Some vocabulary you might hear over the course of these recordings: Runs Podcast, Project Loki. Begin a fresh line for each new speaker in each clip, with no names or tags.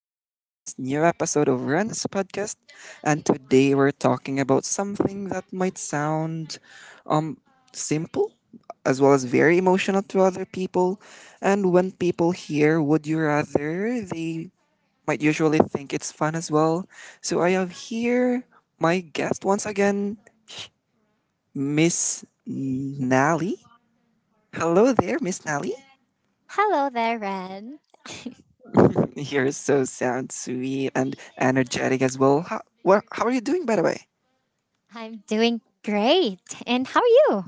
Welcome to this new episode of Runs Podcast. And today we're talking about something that might sound um simple as well as very emotional to other people. And when people hear would you rather, they might usually think it's fun as well. So I have here my guest once again, Miss Nally. Hello there, Miss Nally.
Hello there, Ren.
You're so sound sweet and energetic as well. How, well, how are you doing, by the way?
I'm doing great. And how are you?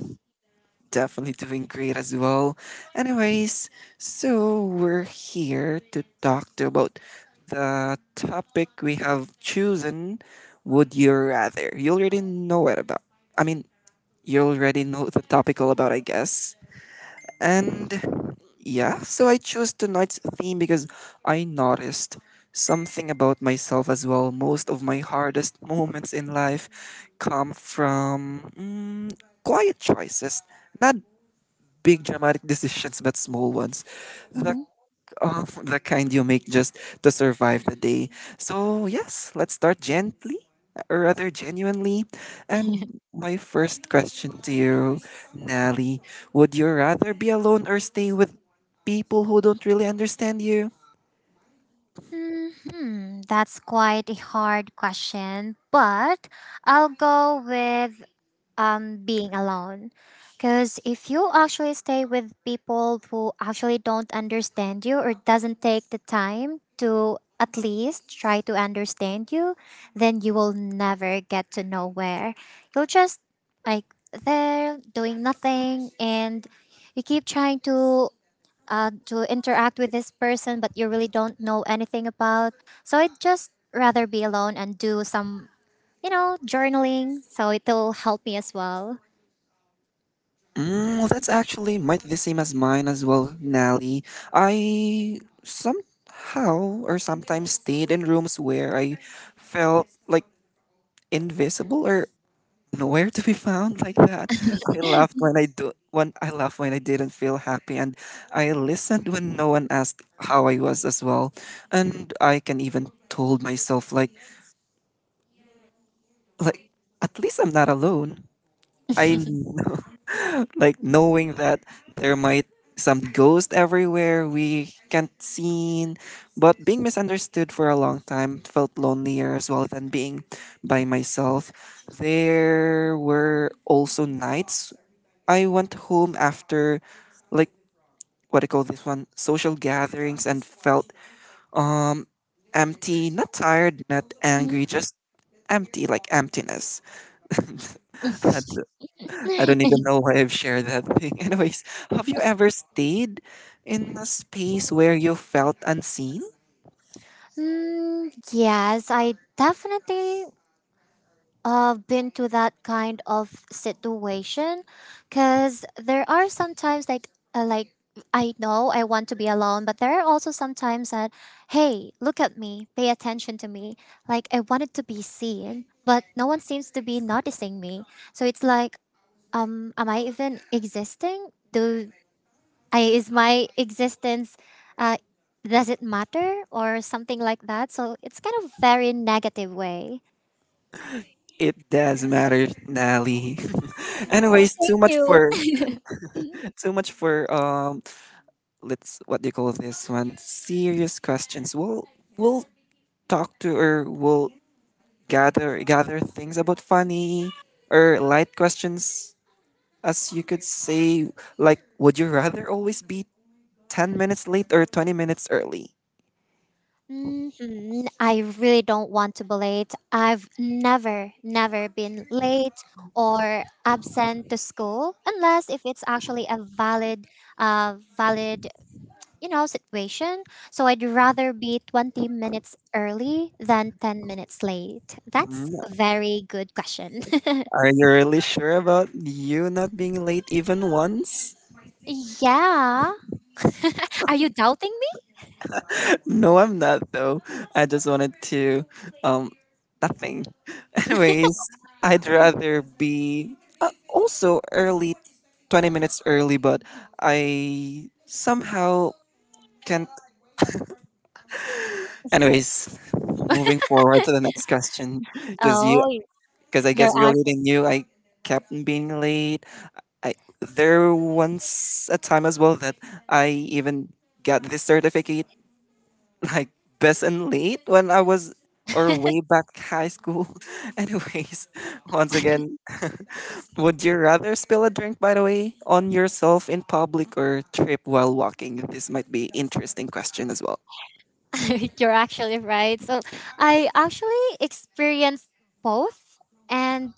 Definitely doing great as well. Anyways, so we're here to talk to about the topic we have chosen. Would you rather? You already know it about. I mean, you already know the topic all about, I guess. And yeah, so I chose tonight's theme because I noticed something about myself as well. Most of my hardest moments in life come from quiet choices, not big dramatic decisions, but small ones. The
hmm
of the kind you make just to survive the day. So, yes, let's start gently, or rather genuinely. And my first question to you, Nelly, would you rather be alone or stay with people who don't really understand you?
That's quite a hard question, but I'll go with being alone because if you actually stay with people who actually don't understand you or doesn't take the time to at least try to understand you then you will never get to nowhere you'll just like there doing nothing and you keep trying to to interact with this person, but you really don't know anything about. So I'd just rather be alone and do some, journaling. So it'll help me as well.
Mm, well, that's actually might be the same as mine as well, Nelly. I somehow or sometimes stayed in rooms where I felt like invisible or nowhere to be found like that. I laughed when I do when I laughed when I didn't feel happy, and I listened when no one asked how I was as well. And I can even told myself like like at least I'm not alone. I know. Like knowing that there might some ghost everywhere we can't see, but being misunderstood for a long time felt lonelier as well than being by myself. There were also nights I went home after, like, what do you call this one, social gatherings, and felt um empty, not tired, not angry, just empty, like emptiness. I d- I don't even know why I've shared that thing. Anyways, have you ever stayed in a space where you felt unseen?
Yes, I definitely I've been to that kind of situation because there are sometimes like uh, like I know I want to be alone, but there are also sometimes that hey, look at me, pay attention to me. Like I wanted to be seen, but no one seems to be noticing me. So it's like, am I even existing? Do I is my existence uh, does it matter or something like that? So it's kind of very negative way.
It does matter, Nally.
Oh,
Anyways,
thank
too much
you.
for too much for um let's, what do you call this one? Serious questions. We'll talk to or will gather things about funny or light questions, as you could say, like would you rather always be 10 minutes late or 20 minutes early?
Mhm. I really don't want to be late. I've never, never been late or absent to school unless if it's actually a valid, uh, valid, situation. So I'd rather be 20 minutes early than 10 minutes late. That's
Mm,
a very good question.
are you really sure about you not being late even once?
Yeah. Are you doubting me?
No, I'm not though. I just wanted to, um nothing. Anyways, I'd rather be also early, 20 minutes early, but I somehow can. Anyways, moving forward to the next question, because
Oh,
because I
you're
guess you already knew I kept on being late. I, there once a time as well that I even got this certificate like best and late when I was, or way back high school. Anyways, once again, would you rather spill a drink, by the way, on yourself in public or trip while walking? This might be interesting question as well.
you're actually right. So I actually experienced both, and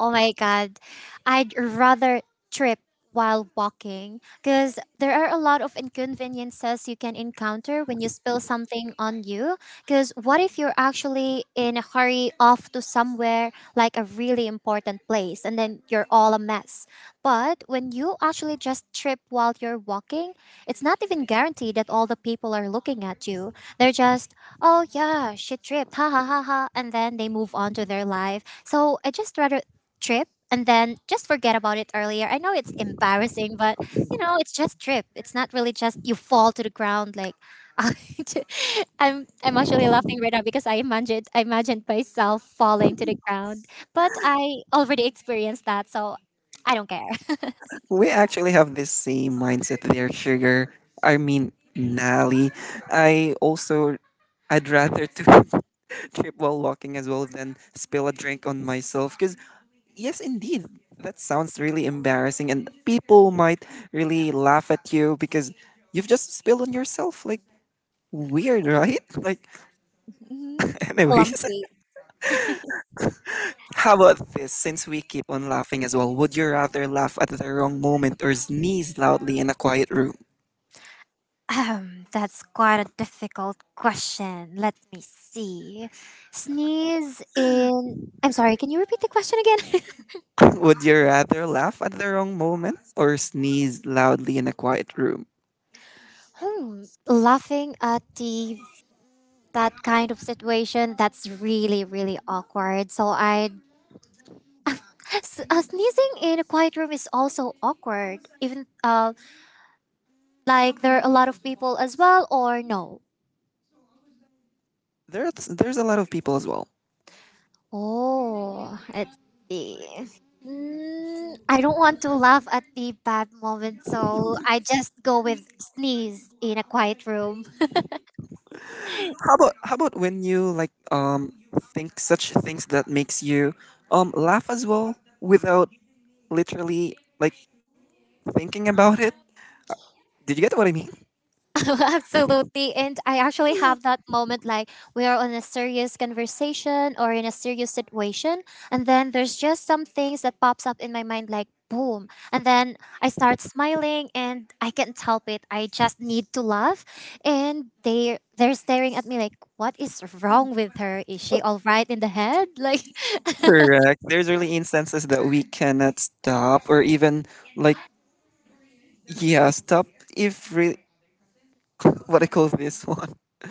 oh my god, I'd rather trip while walking because there are a lot of inconveniences you can encounter when you spill something on you. Because what if you're actually in a hurry off to somewhere like a really important place and then you're all a mess. But when you actually just trip while you're walking, it's not even guaranteed that all the people are looking at you. They're just, oh yeah, she tripped, ha ha ha ha, and then they move on to their life. So I just rather trip and then just forget about it earlier. I know it's embarrassing, but you know, it's just trip. It's not really just you fall to the ground like I'm actually laughing right now because I imagined myself falling to the ground. But I already experienced that, so I don't care.
We actually have this same mindset there, sugar. I mean, Nally. I also, I'd rather to trip while walking as well than spill a drink on myself. Because yes, indeed, that sounds really embarrassing, and people might really laugh at you because you've just spilled on yourself. Like, weird, right? Like,
Mhm.
anyways.
Clumsy.
How about this? Since we keep on laughing as well, would you rather laugh at the wrong moment or sneeze loudly in a quiet room?
That's quite a difficult question. Let me see. Sneeze in. I'm sorry, can you repeat the question again?
Would you rather laugh at the wrong moment or sneeze loudly in a quiet room?
Hmm. Laughing at the that kind of situation that's really really awkward. Sneezing in a quiet room is also awkward. Even like there are a lot of people as well, or no.
There's a lot of people as well.
Oh, let's see. I don't want to laugh at the bad moment, so I just go with sneeze in a quiet room.
How about when you like think such things that makes you laugh as well without literally like thinking about it? Did you get what I mean?
Absolutely. And I actually have that moment like we are on a serious conversation or in a serious situation. And then there's just some things that pops up in my mind like boom. And then I start smiling and I can't help it. I just need to laugh. And they're staring at me like, what is wrong with her? Is she all right in the head? Like
Correct. There's really instances that we cannot stop or even, like, yeah, stop if re- what I call this one.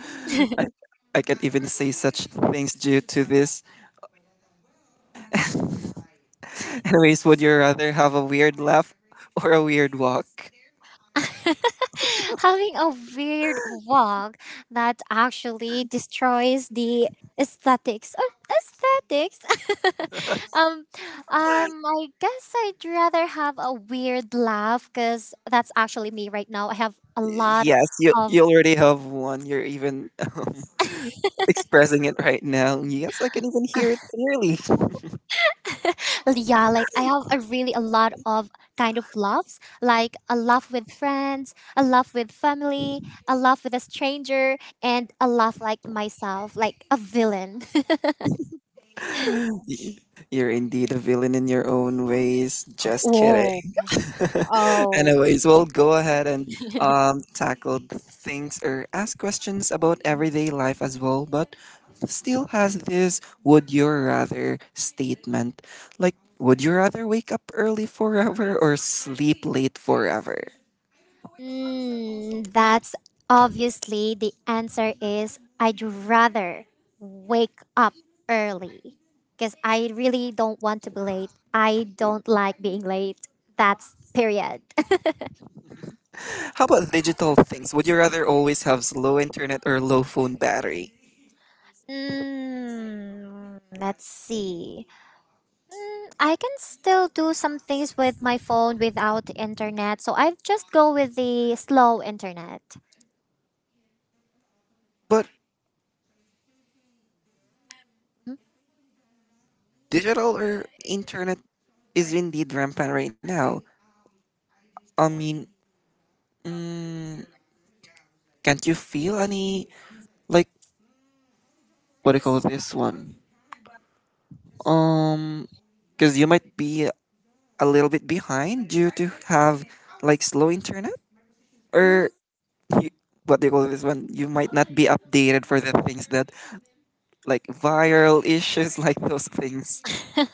I I can't even say such things due to this. Anyways, would you rather have a weird laugh or a weird walk?
having a weird walk that actually destroys the aesthetics of aesthetics. um, I guess I'd rather have a weird laugh because that's actually me right now. I have a lot
Yes, you
of
you already have one. You're even expressing it right now. Yes, I can even hear it clearly.
yeah, like I have a really a lot of kind of laughs, like a laugh with friends, a laugh with family, a laugh with a stranger, and a laugh like myself, like a villain.
Y- You're indeed a villain in your own ways. Just kidding.
Oh, oh.
Anyways, we'll go ahead and tackle the things or ask questions about everyday life as well, but still has this would you rather statement. Like, would you rather wake up early forever or sleep late forever?
That's obviously the answer is I'd rather wake up early because I really don't want to be late. I don't like being late. That's period.
How about digital things? Would you rather always have slow internet or low phone battery?
Let's see. I can still do some things with my phone without internet, so I just go with the slow internet.
But
Mm,
digital or internet is indeed rampant right now. I mean, can't you feel any, like, what do you call this one? Um, because you might be a little bit behind due to have like slow internet,
mm.
or you, what do you call this one? You might not be updated for the things that, like, viral issues like those things.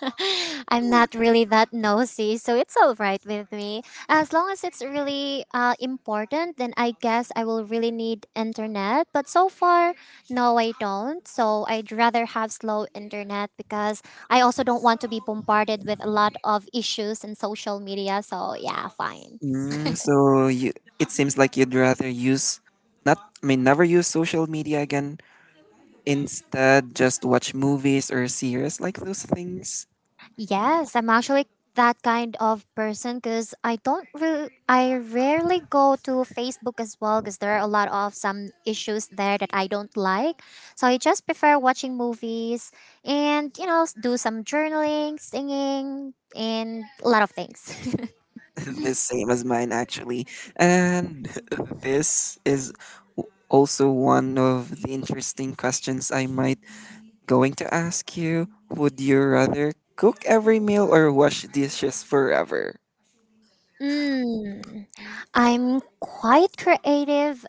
I'm not really that nosy, so it's all right with me. As long as it's really important, then I guess I will really need internet. But so far, no, I don't. So I'd rather have slow internet because I also don't want to be bombarded with a lot of issues in social media. So yeah, fine.
Mm, so you, it seems like you'd rather use, not, I mean, never use social media again. Instead, just watch movies or series like those things.
Yes, I'm actually that kind of person because I don't really, I rarely go to Facebook as well because there are a lot of some issues there that I don't like. So I just prefer watching movies and, you know, do some journaling, singing, and a lot of things.
The same as mine, actually. And this is also one of the interesting questions I might going to ask you. Would you rather cook every meal or wash dishes forever?
Mm, I'm quite creative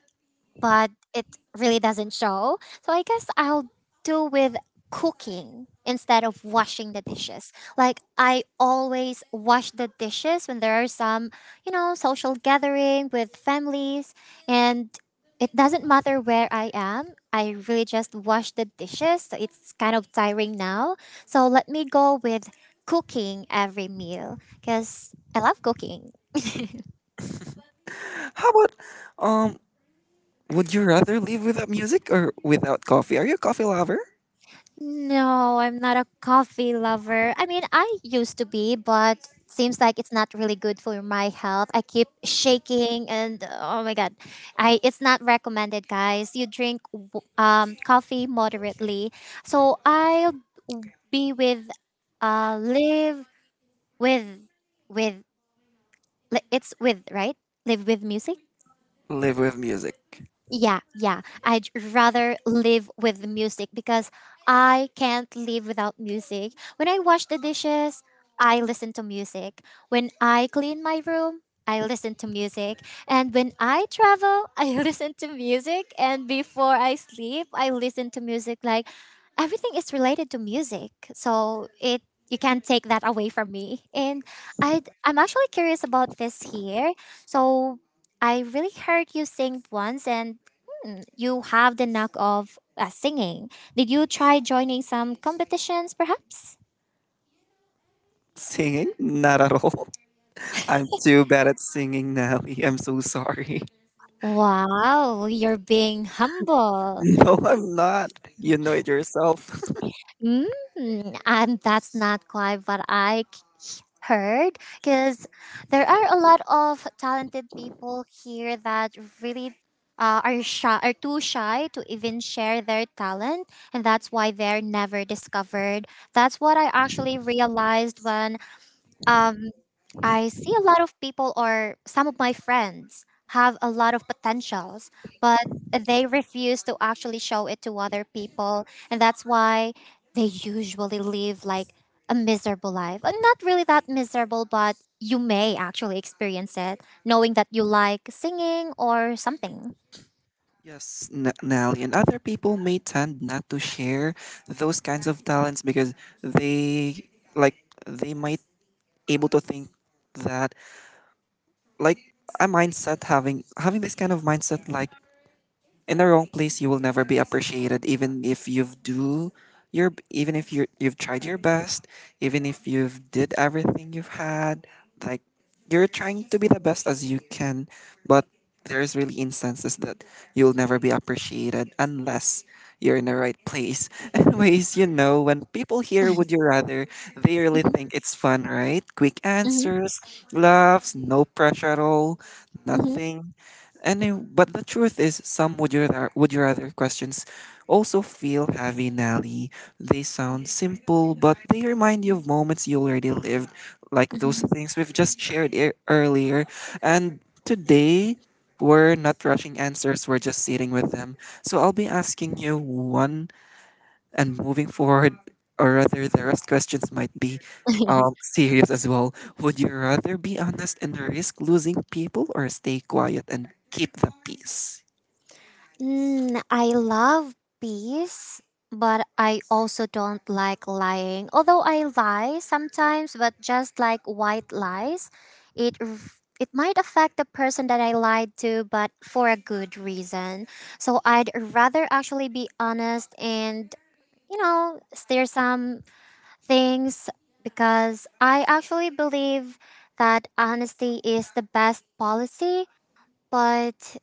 but it really doesn't show. So I guess I'll do with cooking instead of washing the dishes. Like I always wash the dishes when there are some, you know, social gathering with families and it doesn't matter where I am. I really just wash the dishes. So it's kind of tiring now. So let me go with cooking every meal because I love cooking.
How about um? Would you rather live without music or without coffee? Are you a coffee lover?
No, I'm not a coffee lover. I mean, I used to be, but seems like it's not really good for my health. I keep shaking and oh my god. I it's not recommended, guys. You drink coffee moderately. So I'll be with live with with li- it's with, right? Live with music.
Live with music.
Yeah, yeah. I'd rather live with the music because I can't live without music. When I wash the dishes, I listen to music. When I clean my room, I listen to music. And when I travel, I listen to music. And before I sleep, I listen to music. Like everything is related to music. So it you can't take that away from me. And I'm actually curious about this here. So I really heard you sing once and you have the knack of singing. Did you try joining some competitions, perhaps?
Singing? Not at all. I'm too bad at singing, Nelly. I'm so sorry.
Wow, you're being humble.
No, I'm not. You know it yourself.
Mm, and that's not quite what heard because there are a lot of talented people here that really are shy, are too shy to even share their talent, and that's why they're never discovered. That's what I actually realized when um, I see a lot of people or some of my friends have a lot of potentials, but they refuse to actually show it to other people. And that's why they usually live like a miserable life. And not really that miserable, but you may actually experience it knowing that you like singing or something.
Yes, Nelly, and other people may tend not to share those kinds of talents because they like they might able to think that, like, a mindset, having this kind of mindset like in the wrong place you will never be appreciated even if you've do your even if you you've tried your best, even if you've did everything you've had, like, you're trying to be the best as you can, but there's really instances that you'll never be appreciated unless you're in the right place. Anyways, you know, when people hear would you rather, they really
Mhm,
think it's fun, right? Quick
mhm,
answers, laughs, no pressure at all,
mhm,
nothing any, but the truth is, some would would your rather questions also feel heavy, Nelly. They sound simple, but they remind you of moments you already lived, like those
mhm.
things we've just shared earlier. And today, we're not rushing answers; we're just sitting with them. So I'll be asking you one and moving forward, or rather, the rest questions might be serious as well. Would you rather be honest and risk losing people or stay quiet and keep the peace?
I love peace, but I also don't like lying. Although I lie sometimes, but just like white lies, it might affect the person that I lied to, but for a good reason. So I'd rather actually be honest and you know steer some things because I actually believe that honesty is the best policy. But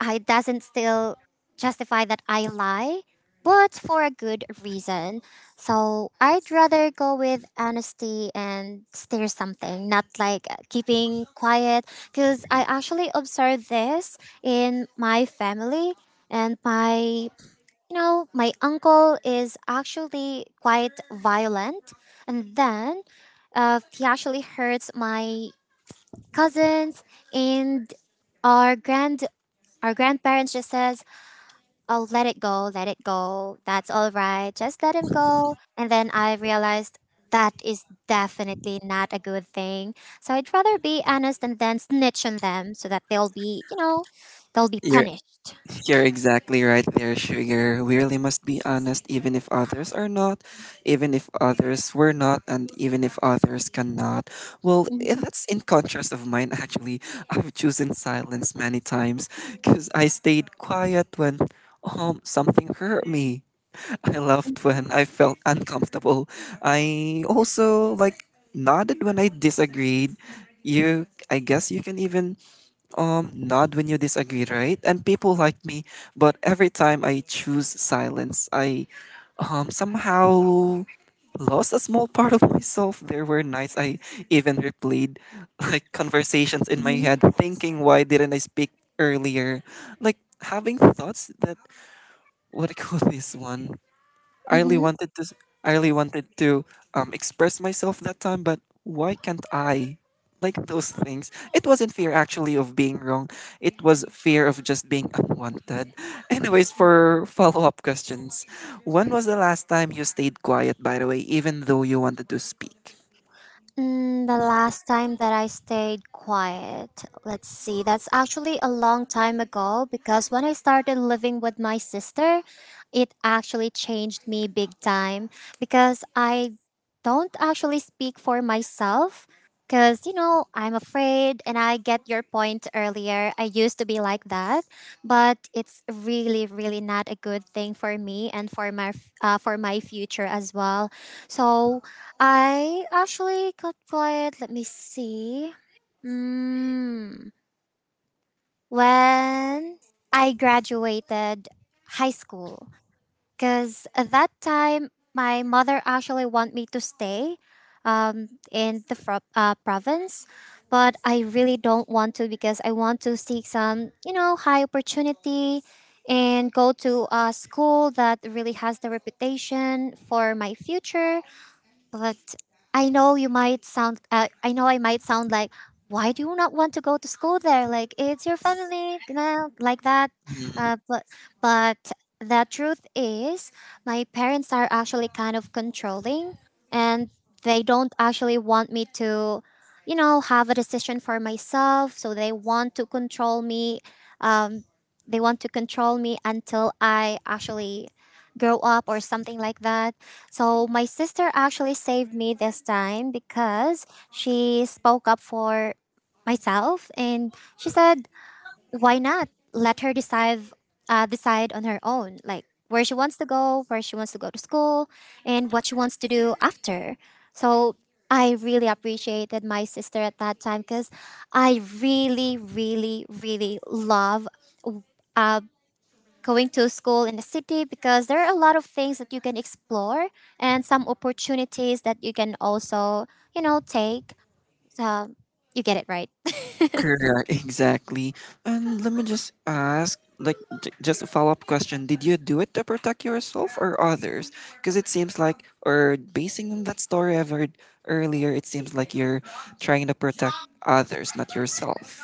I doesn't still justify that I lie, but for a good reason. So I'd rather go with honesty and steer something, not like keeping quiet. Because I actually observed this in my family and my. You know, my uncle is actually quite violent, and then he actually hurts my cousins, and our grand our grandparents just says oh, let it go, let it go. That's all right. Just let him go. And then I realized that is definitely not a good thing. So I'd rather be honest and then snitch on them so that they'll be, you know, they'll be
You're,
punished.
you're exactly right there, Sugar. We really must be honest, even if others are not, even if others were not, and even if others cannot. Well, eh,
Mm-hmm.
that's in contrast of mine, actually. I've chosen silence many times because I stayed quiet when something hurt me. I laughed when I felt uncomfortable. I also like nodded when I disagreed. You, I guess you can even nod when you disagree, right? And people like me, but every time I choose silence, I somehow lost a small part of myself. There were nights I even replayed like conversations in my
Mm-hmm.
head, thinking why didn't I speak earlier? Like having thoughts that, what I call this one? I really
Mm-hmm.
wanted to s- I really wanted to express myself that time, but why can't I? Like those things. It wasn't fear actually of being wrong. It was fear of just being unwanted. Anyways, for follow-up questions. When was the last time you stayed quiet, by the way, even though you wanted to speak?
The last time that I stayed quiet, let's see, that's actually a long time ago because when I started living with my sister, it actually changed me big time because I don't actually speak for myself because, you know, I'm afraid and I get your point earlier. I used to be like that, but it's really, really not a good thing for me and for for my future as well. So, I actually got quiet. Let me see. Mm, when I graduated high school, because at that time my mother actually want me to stay in the province, but I really don't want to because I want to seek some you know high opportunity and go to a school that really has the reputation for my future but I know you might sound. I know I might sound like, why do you not want to go to school there? Like it's your family, you know, like that.
Hmm.
Uh, but but the truth is, my parents are actually kind of controlling, and they don't actually want me to, you know, have a decision for myself. So they want to control me. Um, they want to control me until I actually grow up or something like that. So my sister actually saved me this time because she spoke up for myself and she said, "Why not let her decide on her own, like where she wants to go, where she wants to go to school, and what she wants to do after." So I really appreciated my sister at that time because I really, really, really love uh, going to school in the city because there are a lot of things that you can explore and some opportunities that you can also take um, you get it right.
Correct, exactly. And let me just ask, like, just a follow up question. Did you do it to protect yourself or others? Because it seems like, or basing on that story I've heard earlier, it seems like you're trying to protect others, not yourself.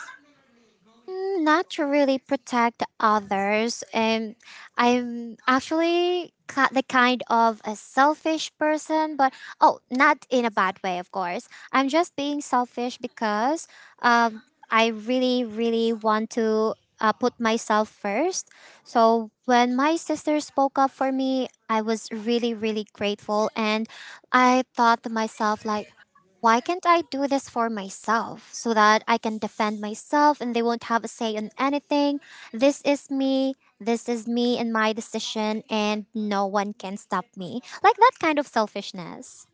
Mm, not to really protect others. I'm actually the kind of a selfish person, but oh, not in a bad way, of course. I'm just being selfish because um, I really, really want to put myself first. So when my sister spoke up for me, I was really, really grateful, and I thought to myself like, why can't I do this for myself so that I can defend myself and they won't have a say in anything? This is me, this is me and my decision, and no one can stop me. Like that kind of selfishness.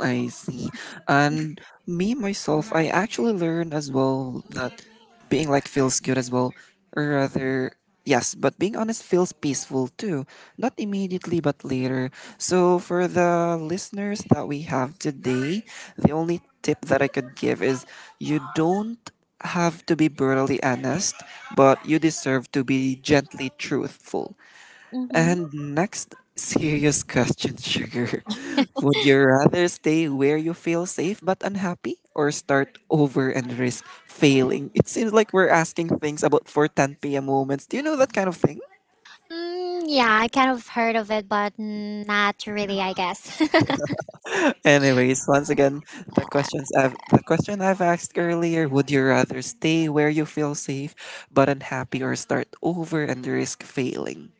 I see. And me myself, I actually learned as well that being like feels good as well, or rather, yes, but being honest feels peaceful too. Not immediately, but later. So for the listeners that we have today, the only tip that I could give is you don't have to be brutally honest, but you deserve to be gently truthful.
Mm-hmm.
And next serious question, Sugar. Would you rather stay where you feel safe but unhappy or start over and risk failing? It seems like we're asking things about for 10 p.m. moments. Do you know that kind of thing?
Mm, yeah, I kind of heard of it, but not really, I guess.
Anyways, once again, the questions I've the question I've asked earlier, would you rather stay where you feel safe but unhappy or start over and risk failing?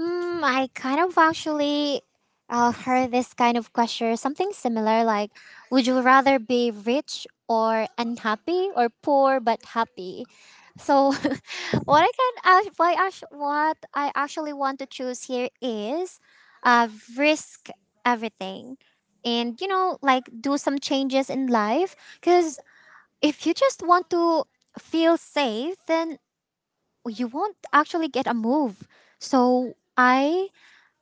Mm, I kind of actually heard this kind of question, something similar like, would you rather be rich or unhappy or poor but happy? So what I can act- why actu- what I actually want to choose here is uh, risk everything and you know like do some changes in life because if you just want to feel safe then you won't actually get a move, so I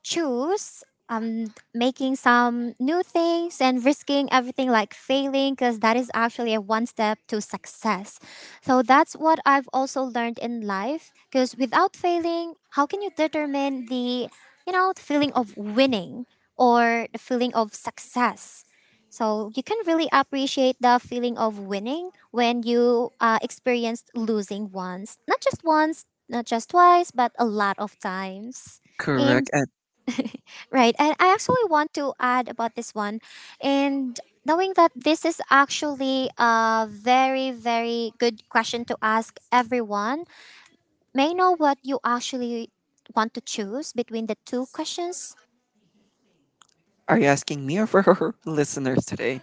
choose making some new things and risking everything like failing because that is actually a one step to success. So that's what I've also learned in life because without failing, how can you determine the, you know, the feeling of winning or the feeling of success? So you can really appreciate the feeling of winning when you experienced losing, once not just once, not just twice, but a lot of times. And.
Correct. And
Right. And I actually want to add about this one. And knowing that this is actually a very, very good question to ask everyone, may I know what you actually want to choose between the two questions?
are you asking me or for our listeners today?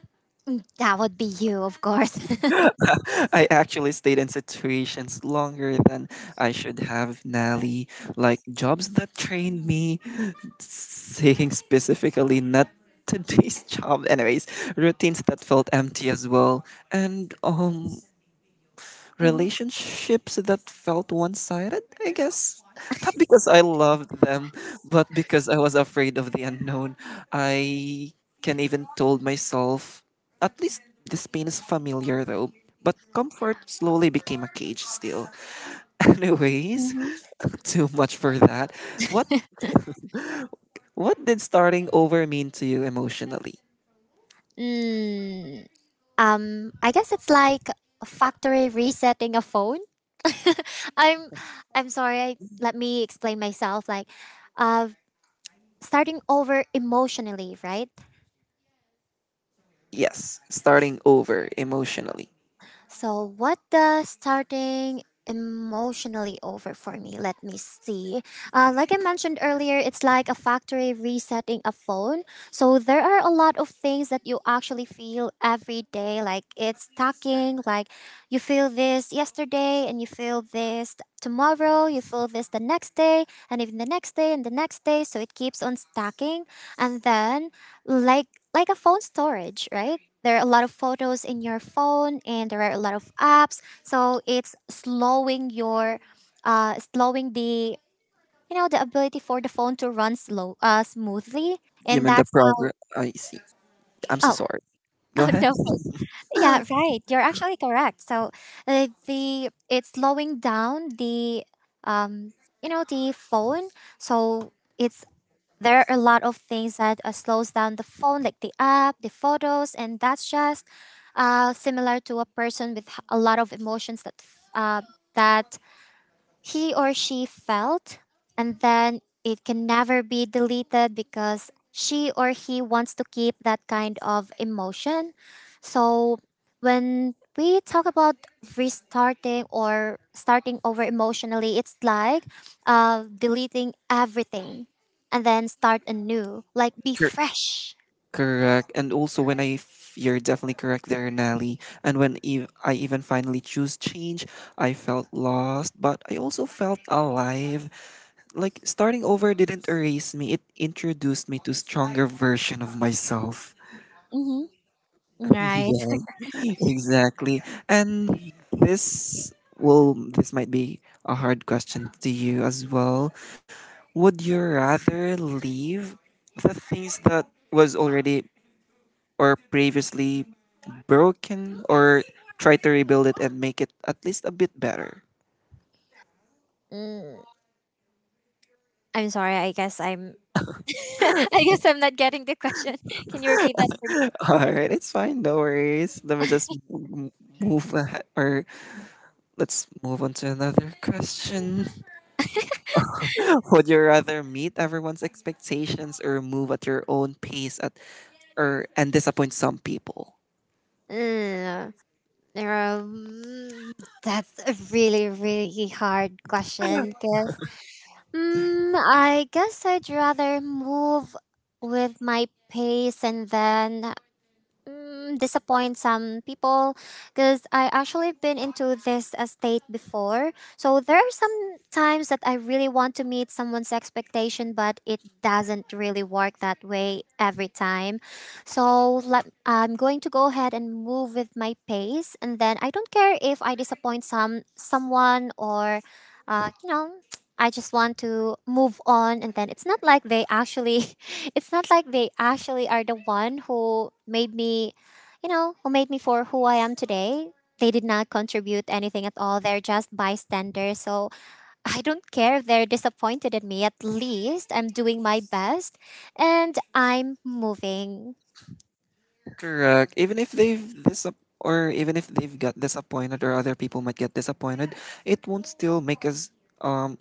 That would be you, of course.
I actually stayed in situations longer than I should have, Nally. Like jobs that trained me, saying specifically not today's job. Anyways, routines that felt empty as well, and
Mhm.
relationships that felt one sided, I guess. Not because I loved them, but because I was afraid of the unknown. I can even told myself, at least this pain is familiar though. But comfort slowly became a cage still. Anyways,
Mhm.
too much for that. What what did starting over mean to you emotionally?
Mm, I guess it's like a factory resetting a phone. I'm, I'm sorry. I, let me explain myself. Like, uh, starting over emotionally, right?
Yes, starting over emotionally.
So, what does starting emotionally over for me? Let me see. Like I mentioned earlier, it's like a factory resetting a phone. So, there are a lot of things that you actually feel every day. Like it's stacking, like you feel this yesterday and you feel this tomorrow, you feel this the next day and even the next day and the next day, so it keeps on stacking. And then, like like a phone storage, right? There are a lot of photos in your phone, and there are a lot of apps. So it's slowing your, slowing the, you know, the ability for the phone to run slow, smoothly,
You
and
mean the
that's how.
progress? I see. I'm so
Oh,
sorry. Go
oh
ahead.
no. Yeah, right. You're actually correct. So the it's slowing down the um you know the phone. So it's, there are a lot of things that slows down the phone, like the app, the photos, and that's just similar to a person with a lot of emotions that that he or she felt, and then it can never be deleted because she or he wants to keep that kind of emotion. So when we talk about restarting or starting over emotionally, it's like deleting everything and then start anew, like be fresh.
Correct. And also, when you're definitely correct there, Nally. And when I even finally choose change, I felt lost, but I also felt alive. Like starting over didn't erase me; it introduced me to stronger version of myself.
Hmm. Right.
Yeah, exactly. And this will this might be a hard question to you as well. Would you rather leave the things that was already or previously broken, or try to rebuild it and make it at least a bit better?
Mm, I'm sorry. I guess I'm. I guess I'm not getting the question. Can you repeat that for me?
All right, it's fine. No worries. Let me move ahead, or let's move on to another question. Would you rather meet everyone's expectations or move at your own pace at or and disappoint some people?
Mm. Um, that's a really, really hard question because, mm, I guess I'd rather move with my pace and then, mm, disappoint some people because I actually been into this state before. So there are some times that I really want to meet someone's expectation, but it doesn't really work that way every time. So let, I'm going to go ahead and move with my pace, and then I don't care if I disappoint someone or. You know, I just want to move on, and then it's not like they actually it's not like they actually are the one who made me, you know, who made me for who I am today. They did not contribute anything at all. They're just bystanders. So I don't care if they're disappointed at me. At least I'm doing my best, and I'm moving.
Correct. Even if they've disap or even if they've got disappointed, or other people might get disappointed, it won't still make us um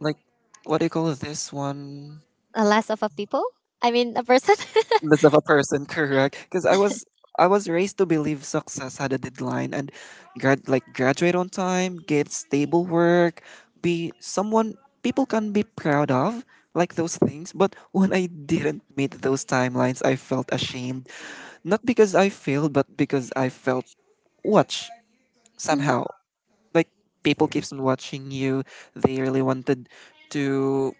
like, what do you call this one,
Less of a people, I mean a person.
list of a person. Correct, because I was raised to believe success had a deadline, and graduate on time, get stable work, be someone people can be proud of, like those things. But when I didn't meet those timelines, I felt ashamed, not because I failed, but because I felt watch, somehow, like people keeps on watching you. They really wanted to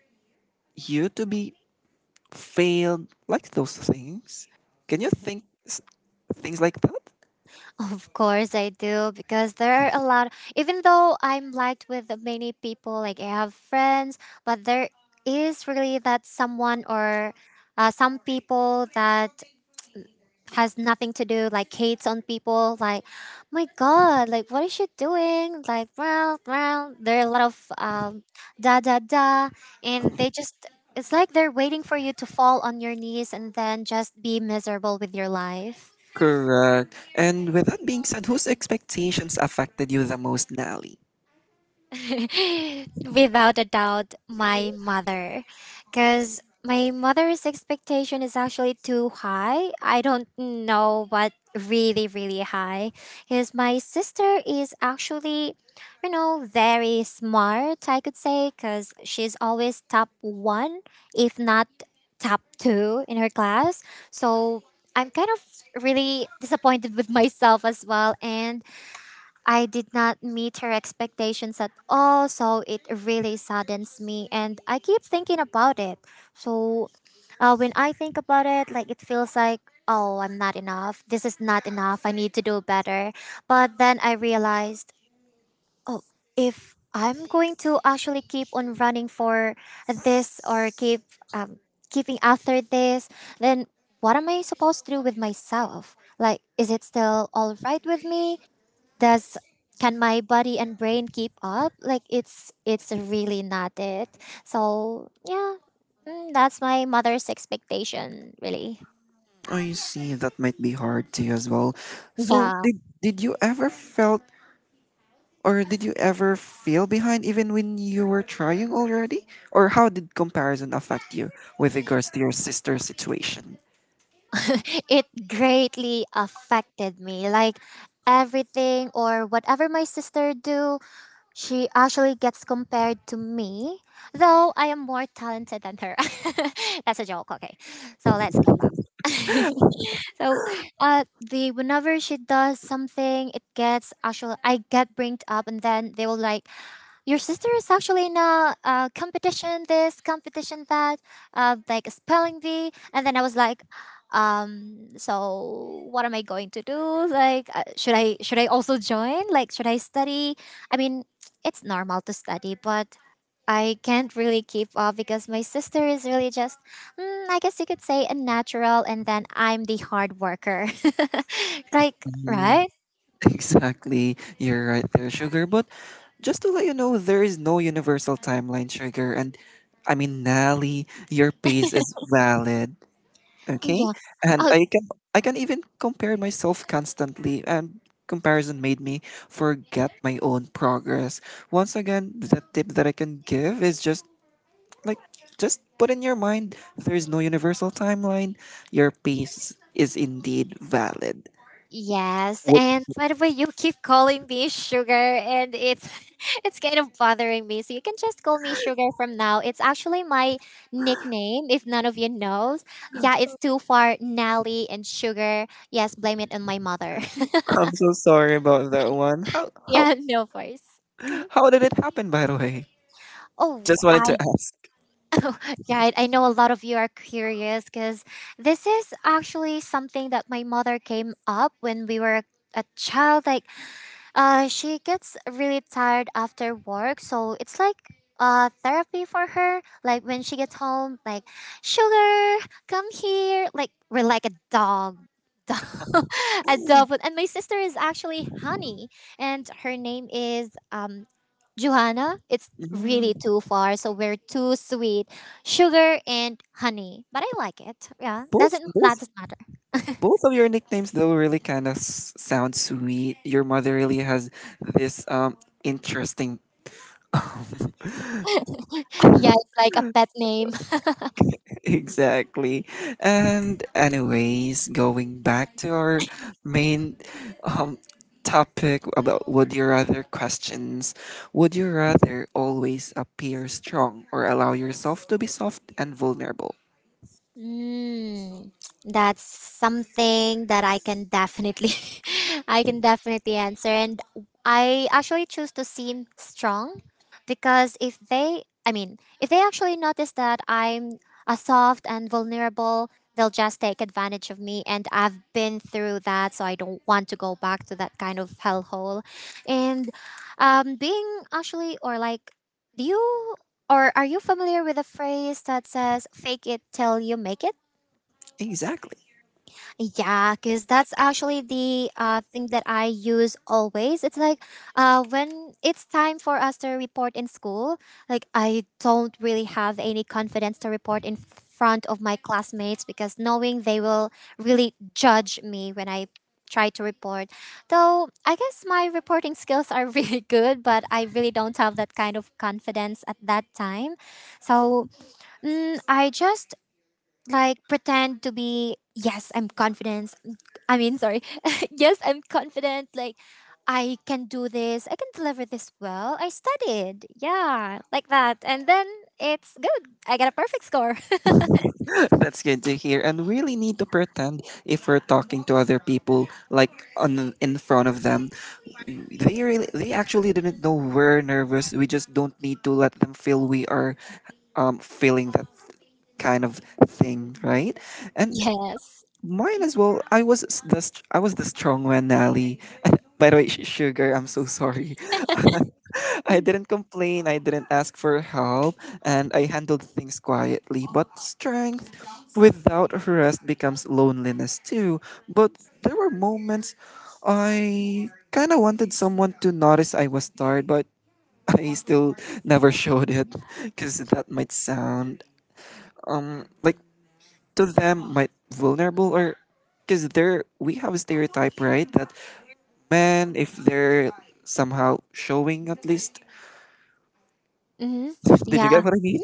you to be failed, like those things. Can you think things like that?
Of course I do, because there are a lot, even though I'm liked with many people, like I have friends, but there is really that someone or some people that has nothing to do, like hates on people, like, my god, like, what is she doing? Like, well, there are a lot of da da da, and they just, it's like they're waiting for you to fall on your knees and then just be miserable with your life.
Correct. And with that being said, whose expectations affected you the most, Nally?
Without a doubt, my mother. Because my mother's expectation is actually too high. I don't know what, really, really high. Because my sister is actually, you know, very smart, I could say, because she's always top one, if not top two in her class. So I'm kind of really disappointed with myself as well. And I did not meet her expectations at all, so it really saddens me, and I keep thinking about it. So, when I think about it, like it feels like, oh, I'm not enough. This is not enough. I need to do better. But then I realized, oh, if I'm going to actually keep on running for this or keep um, keeping after this, then what am I supposed to do with myself? Like, is it still all right with me? Does, can my body and brain keep up? Like, it's really not it. So yeah, mm, that's my mother's expectation, really.
I see, that might be hard to you as well. So
Yeah.
did you ever felt, or did you ever feel behind even when you were trying already? Or how did comparison affect you with regards to your sister's situation?
It greatly affected me. Like, everything or whatever my sister do, she actually gets compared to me, though I am more talented than her. That's a joke, okay? So let's go back. So the whenever she does something, it gets actually, I get bringed up, and then they will like, your sister is actually in a competition, this competition, that, like a spelling bee. And then I was like, so what am I going to do? Like, should I also join? Like, should I study? I mean, it's normal to study, but I can't really keep up because my sister is really just, mm, I guess you could say, a natural, and then I'm the hard worker. Like, right?
Exactly, you're right there, Sugar. But just to let you know, there is no universal timeline, Sugar. And I mean, Nally, your pace is valid, okay?
Yeah.
And
Oh,
I can even compare myself constantly. And comparison made me forget my own progress. Once again, the tip that I can give is just like, just put in your mind there is no universal timeline. Your pace is indeed valid.
yes, and by the way, you keep calling me Sugar, and it's it's kind of bothering me. So you can just call me Sugar from now. It's actually my nickname, if none of you knows. Yeah, it's too far, Nelly and Sugar. Yes, blame it on my mother.
I'm so sorry about that one.
Yeah, no voice. Mhm.
How did it happen, by the way?
Oh,
Just wanted to
I
ask.
oh, yeah, I know a lot of you are curious because this is actually something that my mother came up when we were a child. Like, she gets really tired after work, so it's like therapy for her. Like when she gets home, like, Sugar, come here. Like we're like a dog, dog dog. Food. And my sister is actually Honey, and her name is Johanna. It's really
Mm.
too far, so we're too sweet. Sugar and Honey, but I like it. Yeah,
Both both
doesn't matter.
both of your nicknames though really kind of sound sweet. Your mother really has this interesting
Yeah, it's like a pet name.
Exactly. And anyways, going back to our main um topic about would you rather questions, would you rather always appear strong or allow yourself to be soft and vulnerable?
Mm, that's something that I can definitely I can definitely answer. And I actually choose to seem strong because if they, I mean if they actually notice that I'm a soft and vulnerable, they'll just take advantage of me, and I've been through that, so I don't want to go back to that kind of hellhole. And being actually or like, do you or are you familiar with the phrase that says fake it till you make it?
Exactly.
Yeah, because that's actually the thing that I use always. It's like, when it's time for us to report in school, like I don't really have any confidence to report in front of my classmates because knowing they will really judge me when I try to report. Though I guess my reporting skills are really good, but I really don't have that kind of confidence at that time. So, mm, I just like pretend to be, yes, I'm confident. I mean, sorry. Yes, I'm confident. Like, I can do this. I can deliver this well. I studied. Yeah, like that. And then it's good. I get a perfect score.
That's good to hear. And really need to pretend if we're talking to other people, like on in front of them. They really they actually didn't know we're nervous. We just don't need to let them feel we are feeling that kind of thing, right? And
Yes.
mine as well. I was the strong one, Nally. By the way, sugar, I'm so sorry. I didn't complain. I didn't ask for help, and I handled things quietly. But strength without rest becomes loneliness too. But there were moments I kind of wanted someone to notice I was tired, but I still never showed it because that might sound like to them might vulnerable, or because they're we have a stereotype, right, that men, if they're somehow showing at least,
Mm-hmm.
did you
Yeah.
get what I mean?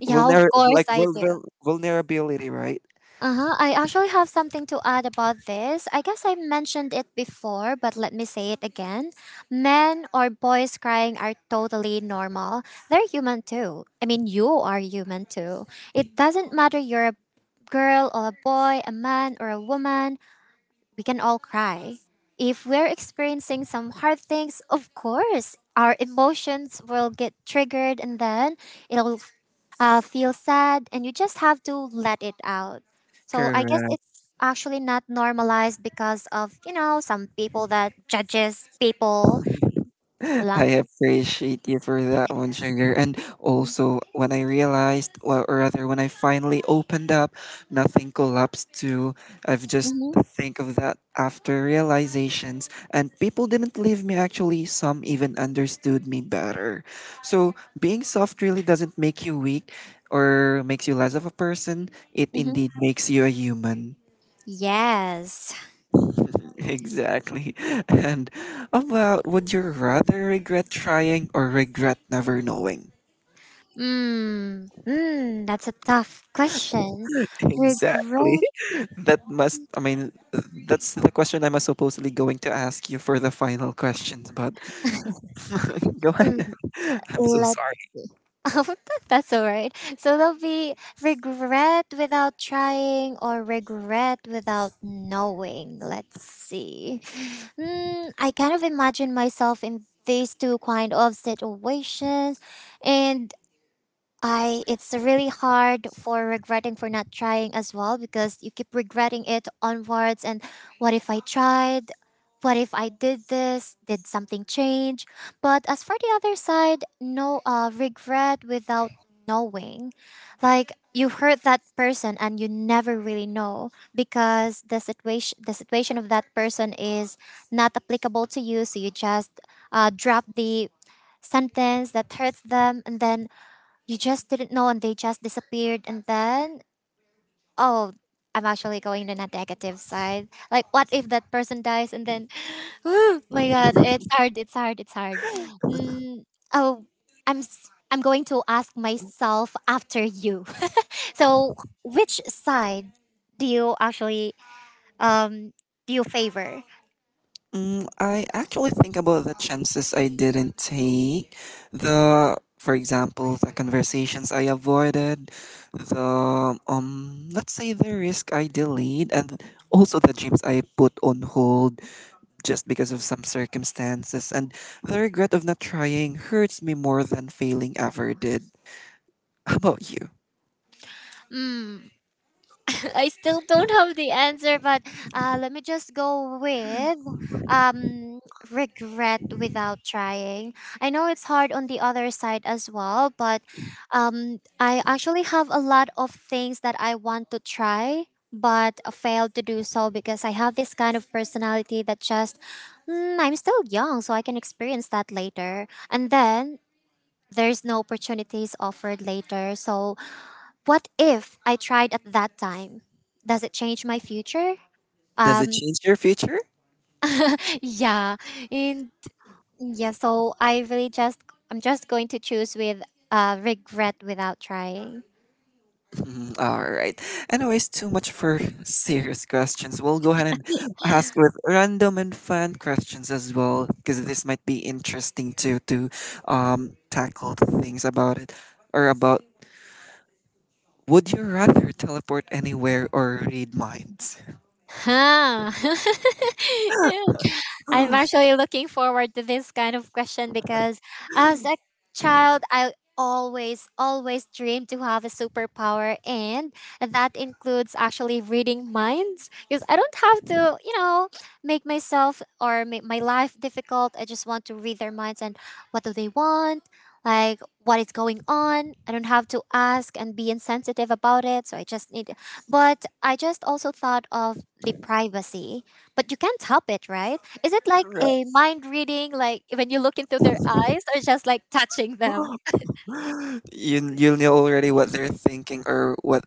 Yeah, of course I do.
Vulnerability, right?
Uh huh. I actually have something to add about this. I guess I mentioned it before, but let me say it again. Men or boys crying are totally normal. They're human too. I mean, you are human too. It doesn't matter you're a girl or a boy, a man or a woman, we can all cry. If we're experiencing some hard things, of course, our emotions will get triggered and then it'll feel sad and you just have to let it out. So I guess
Correct.
it's actually not normalized because of you know some people that judges people.
I appreciate you for that one, Sugar. And also, when I realized, well, or rather, when I finally opened up, nothing collapsed too. I've just
Mm-hmm,
think of that after realizations, and people didn't leave me actually. Some even understood me better. So, being soft really doesn't make you weak or makes you less of a person, it
mm-hmm.
indeed makes you a human.
Yes.
Exactly. And about would you rather regret trying or regret never knowing?
That's a tough question.
Exactly.
Regret.
That must, I mean, that's the question I'm supposedly going to ask you for the final questions, but go ahead. I'm so
mm,
sorry.
Oh, that's all right. So there'll be regret without trying or regret without knowing. Let's see. I kind of imagine myself in these two kind of situations, and I it's really hard for regretting for not trying as well because you keep regretting it onwards and what if I tried? What if I did this? Did something change? But as for the other side, regret without knowing. Like you hurt that person and you never really know because the situation of that person is not applicable to you, so you just drop the sentence that hurts them and then you just didn't know and they just disappeared and then oh I'm actually going to the negative side. Like what if that person dies and then oh my god, it's hard, it's hard, it's hard. Mm, oh I'm going to ask myself after you. so which side do you actually um do you favor?
Mm, I actually think about the chances I didn't take, the, for example, the conversations I avoided, the let's say the risk I delayed, and also the dreams I put on hold just because of some circumstances, and the regret of not trying hurts me more than failing ever did. How about you?
I still don't have the answer, but let me just go with um, regret without trying. I know it's hard on the other side as well, but I actually have a lot of things that I want to try but failed to do so because I have this kind of personality that just, I'm still young, so I can experience that later. And then there's no opportunities offered later. So what if I tried at that time? Does it change my future?
Does it
Um,
change your future?
yeah. And yeah, so I'm just going to choose with regret without trying.
Mhm. All right. Anyways, too much for serious questions. We'll go ahead and ask with random and fun questions as well, because this might be interesting too to tackle things about it, or about, would you rather teleport anywhere or read minds?
Huh. I'm actually looking forward to this kind of question because as a child, I always, always dreamed to have a superpower, and that includes actually reading minds because I don't have to, you know, make myself or make my life difficult. I just want to read their minds and what do they want. Like what is going on? I don't have to ask and be insensitive about it. So but I just also thought of the privacy but you can't help it, right? Is it like
Correct.
a mind reading, like when you look into their eyes or just like touching them?
You you'll know already what they're thinking, or what,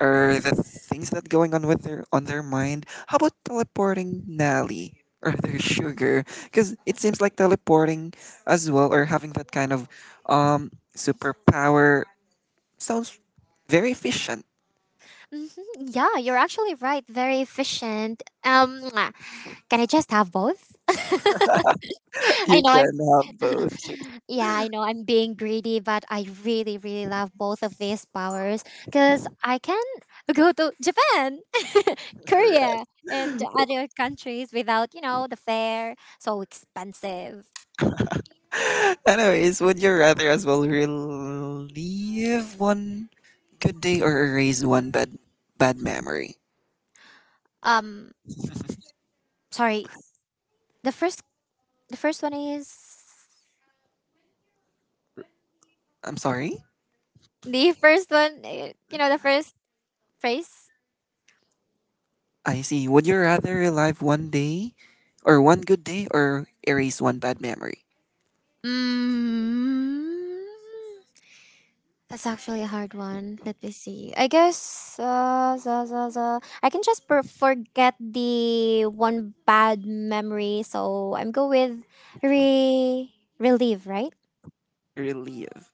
or the things that going on with their on their mind. How about teleporting, Nelly, or their sugar? Because it seems like teleporting as well, or having that kind of superpower sounds very efficient.
Hmm Yeah, you're actually right. Very efficient. Mwah. Can I just have both?
You
Know I'm,
can have both.
yeah, I know I'm being greedy, but I really, really love both of these powers because I can go to Japan, Korea, and other countries without, you know, the fare so expensive.
Anyways, would you rather as well relive one good day or erase one bad bad memory?
Um, Sorry, the first the first one is
I'm sorry.
the first one. You know the first phrase.
I see. Would you rather relive one good day or erase one bad memory?
Mm, that's actually a hard one. Let me see. I guess za, za, za. I can just forget the one bad memory. So I'm go with re relieve. Right?
Relive.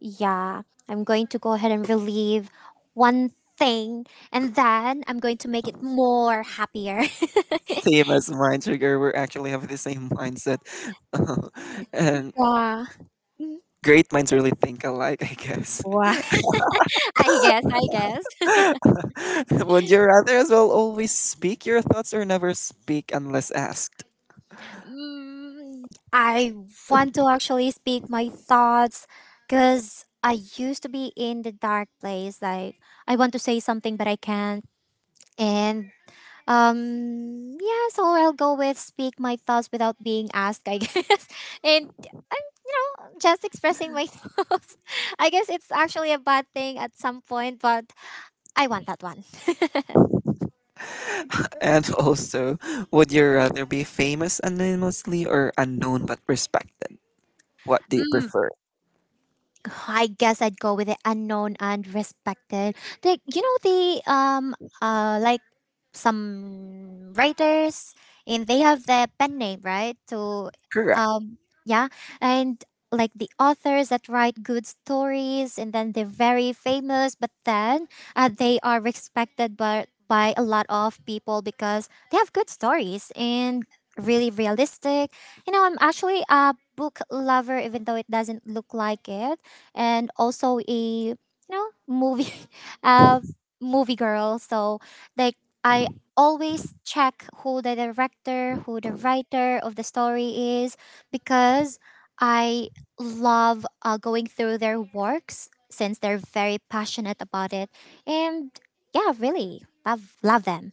Yeah. I'm going to go ahead and relieve one thing, and then I'm going to make it more happier.
Same as mine, Trigger. We actually have the same mindset. And
Yeah.
great minds really think alike, I guess.
Wow. I guess, I guess.
Would you rather as well always speak your thoughts or never speak unless asked?
I want to actually speak my thoughts because I used to be in the dark place. Like, I want to say something, but I can't. And, um, yeah, so I'll go with speak my thoughts without being asked, I guess. And, you know, just expressing my thoughts. I guess it's actually a bad thing at some point, but I want that one.
And also, would you rather be famous anonymously or unknown but respected? What do you prefer?
I guess I'd go with the unknown and respected. Like you know the like some writers and they have their pen name, right? To
Correct.
um yeah, and like the authors that write good stories and then they're very famous, but then they are respected by a lot of people because they have good stories and really realistic. You know, I'm actually a book lover even though it doesn't look like it and also a you know movie uh movie girl so like I always check who the director who the writer of the story is because I love going through their works since they're very passionate about it and yeah really love them.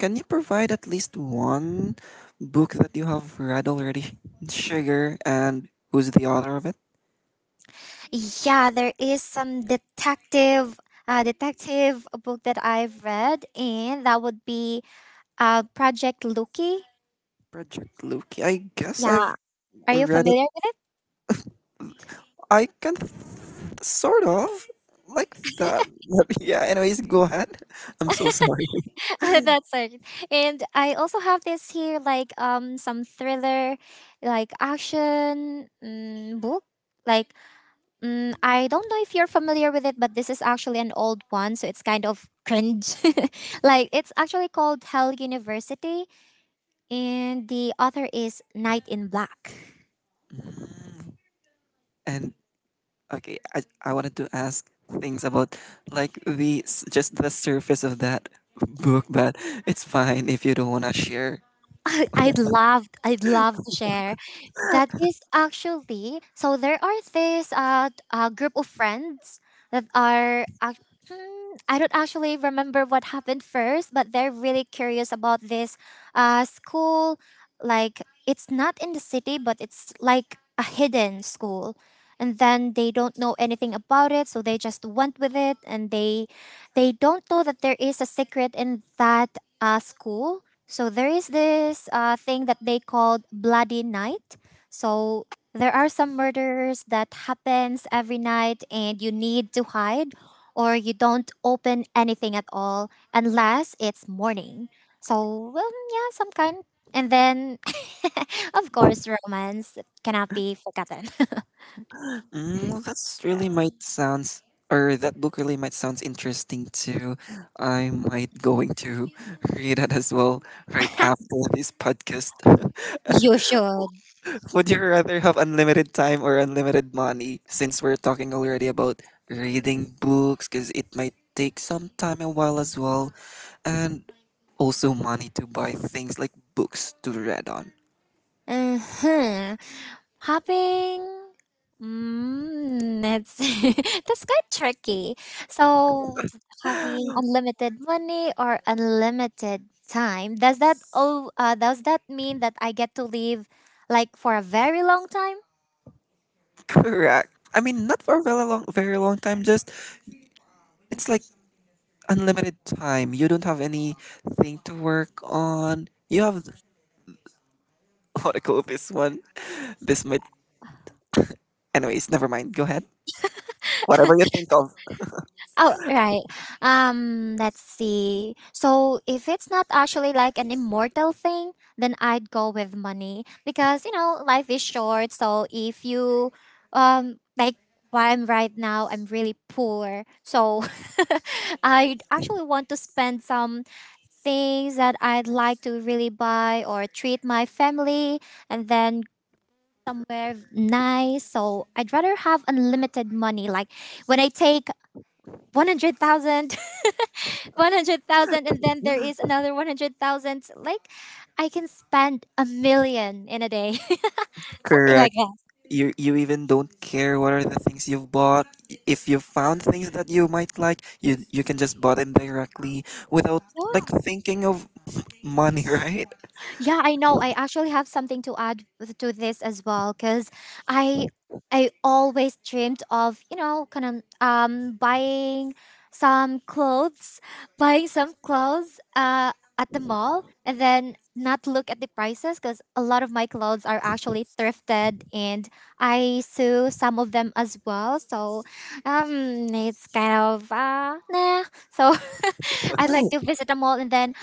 Can you provide at least one book that you have read already, Sugar, and who's the author of it?
Yeah, there is some detective book that I've read and that would be Project Lucky.
Project Loki. I guess
Yeah,
I've
are you
read it.
familiar
I can sort of like that. But yeah, anyways, go ahead. I'm so sorry.
with that sort? And I also have this here, like some thriller, like action book. Like I don't know if you're familiar with it, but this is actually an old one, so it's kind of cringe. Like it's actually called Hell University, and the author is Knight in Black.
Mm. And okay, I wanted to ask things about like just the surface of that book, but it's fine if you don't want to share.
I'd love to share. That is actually so there are this a group of friends that Hmm, I don't actually remember what happened first, but they're really curious about this school like it's not in the city but it's like a hidden school. And then they don't know anything about it, so they just went with it and they don't know that there is a secret in that school. So there is this thing that they called Bloody Night. So there are some murders that happens every night, and you need to hide, or you don't open anything at all unless it's morning. So well, yeah, some kind. And then, of course, romance cannot be forgotten.
Mm, well, that's really might sounds, or that book really might sounds interesting too. I might going to read it as well right after this podcast.
You should.
Would you rather have unlimited time or unlimited money? Since we're talking already about reading books, because it might take some time a while as well, and also money to buy things like books to read on.
Hmm Hopping? Mm, it's that's quite tricky. So, having unlimited money or unlimited time, does that does that mean that I get to live like for a very long time?
Correct. I mean, not for a very long, very long time. Just it's like unlimited time. You don't have anything to work on. You have what I call this one. This might, anyways, never mind. Go ahead. Whatever you think of,
Oh, right. Let's see. So if it's not actually like an immortal thing, then I'd go with money because you know life is short. So if you, like where I'm right now, I'm really poor. So I actually want to spend some things that I'd like to really buy or treat my family, and then somewhere nice. So I'd rather have unlimited money. Like when I take 100,000, 100,000 and then there is another 100,000, like I can spend a million in a day. Something like
correct.
that.
You even don't care what are the things you've bought. If you found things that you might like, you can just buy them directly without like
Yeah.
thinking of money, right?
Yeah, I know. I actually have something to to this as well because I I always dreamed of you know kind of buying some clothes, buying some clothes at the mall, and then not look at the prices because a lot of my clothes are actually thrifted and I sew some of them as well. So it's kind of nah. So I'd like to visit a mall and then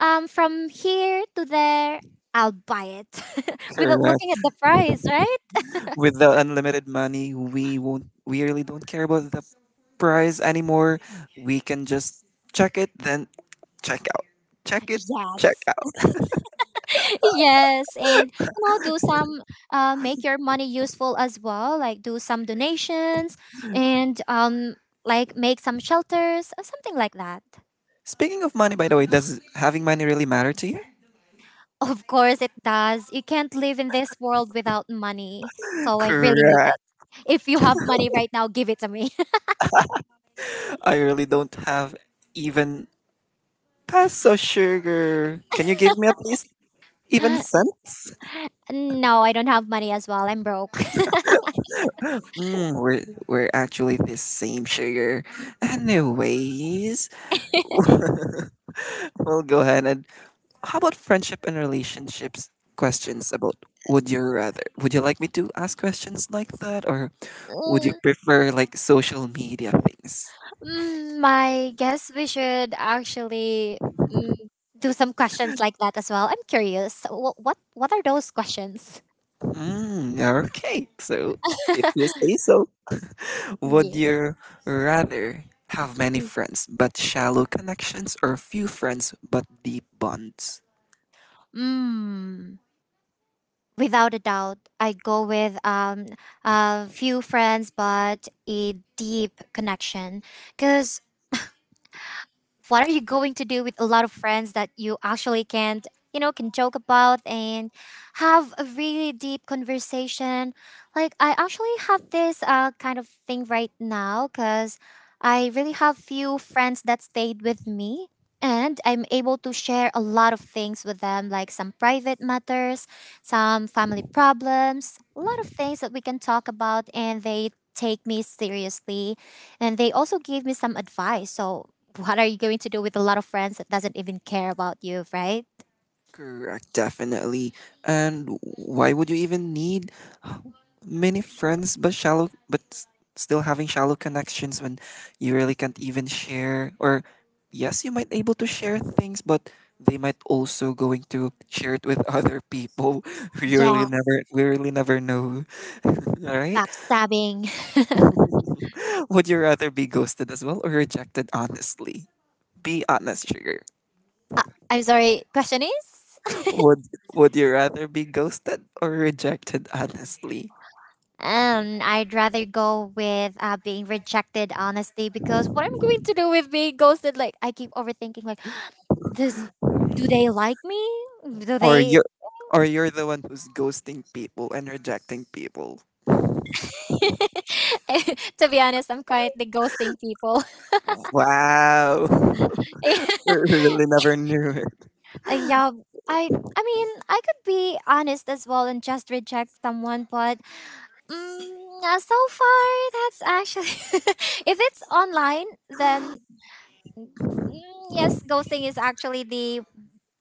from here to there, I'll buy it without
Correct.
looking at the price, right?
With the unlimited money, we won't. We really don't care about the price anymore. We can just check it then. Check out. Check it. Check
Yes.
out.
Yes, and you know, do some make your money useful as well, like do some donations and like make some shelters or something like that.
Speaking of money, by the way, does having money really matter to you?
Of course it does. You can't live in this world without money. So I really need it.
Correct.
If you have money right now, give it to me.
I really don't have even peso, sugar. Can you give me at least even cents?
No, I don't have money as well. I'm broke.
Mm, we're actually the same, sugar. Anyways, we'll go ahead and how about friendship and relationships questions about would you rather? Would you like me to ask questions like that, or would you prefer like social media things?
My guess we should actually mm, do some questions like that as well. I'm curious. What are those questions?
Mm, okay, so if you say so, would
Yeah.
you rather have many friends but shallow connections or few friends but deep bonds?
Mm, Without a doubt, I go with a few friends, but a deep connection. Because what are you going to do with a lot of friends that you actually can't you know can joke about and have a really deep conversation. Like I actually have this kind of thing right now because I really have few friends that stayed with me and I'm able to share a lot of things with them like some private matters, some family problems, a lot of things that we can talk about and they take me seriously and they also gave me some advice. So, what are you going to do with a lot of friends that doesn't even care about you, right?
Correct, definitely. And why would you even need many friends but still having shallow connections, when you really can't even share, or yes, you might able to share things but they might also going to share it with other people.
Yeah,
We really never know. All right.
backstabbing.
Would you rather be ghosted as well or rejected honestly? Be honest, Sugar.
Uh, I'm sorry, question is?
Would Would you rather be ghosted or rejected honestly?
I'd rather go with being rejected, honestly, because what I'm going to do with being ghosted, like, I keep overthinking, like, this, do they like me? Do
Or
they?
you're, or you're the one who's ghosting people and rejecting people.
To be honest, I'm quite the ghosting people.
Wow. Really never knew it.
Yeah, I mean, I could be honest as well and just reject someone, but so far that's actually if it's online, then yes, ghosting is actually the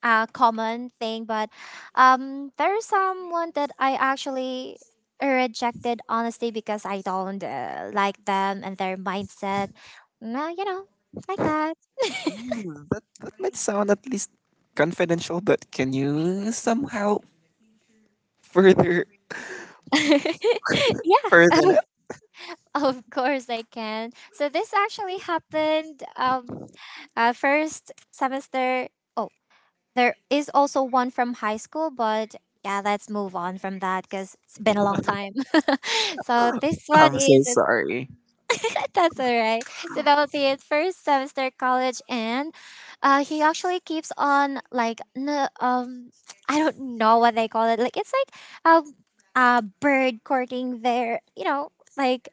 common thing. But there's someone that I actually rejected honestly because I don't like them and their mindset. No, like that.
Mm, that that might sound at least confidential, but can you somehow further further it?
Of course, I can. So this actually happened first semester. Oh, there is also one from high school, but yeah, let's move on from that because it's been a long time. So this one
I'm so
is
sorry.
that's all right. So that would be it. First semester college, and he actually keeps on like I don't know what they call it. Like it's like a a bird courting their you know like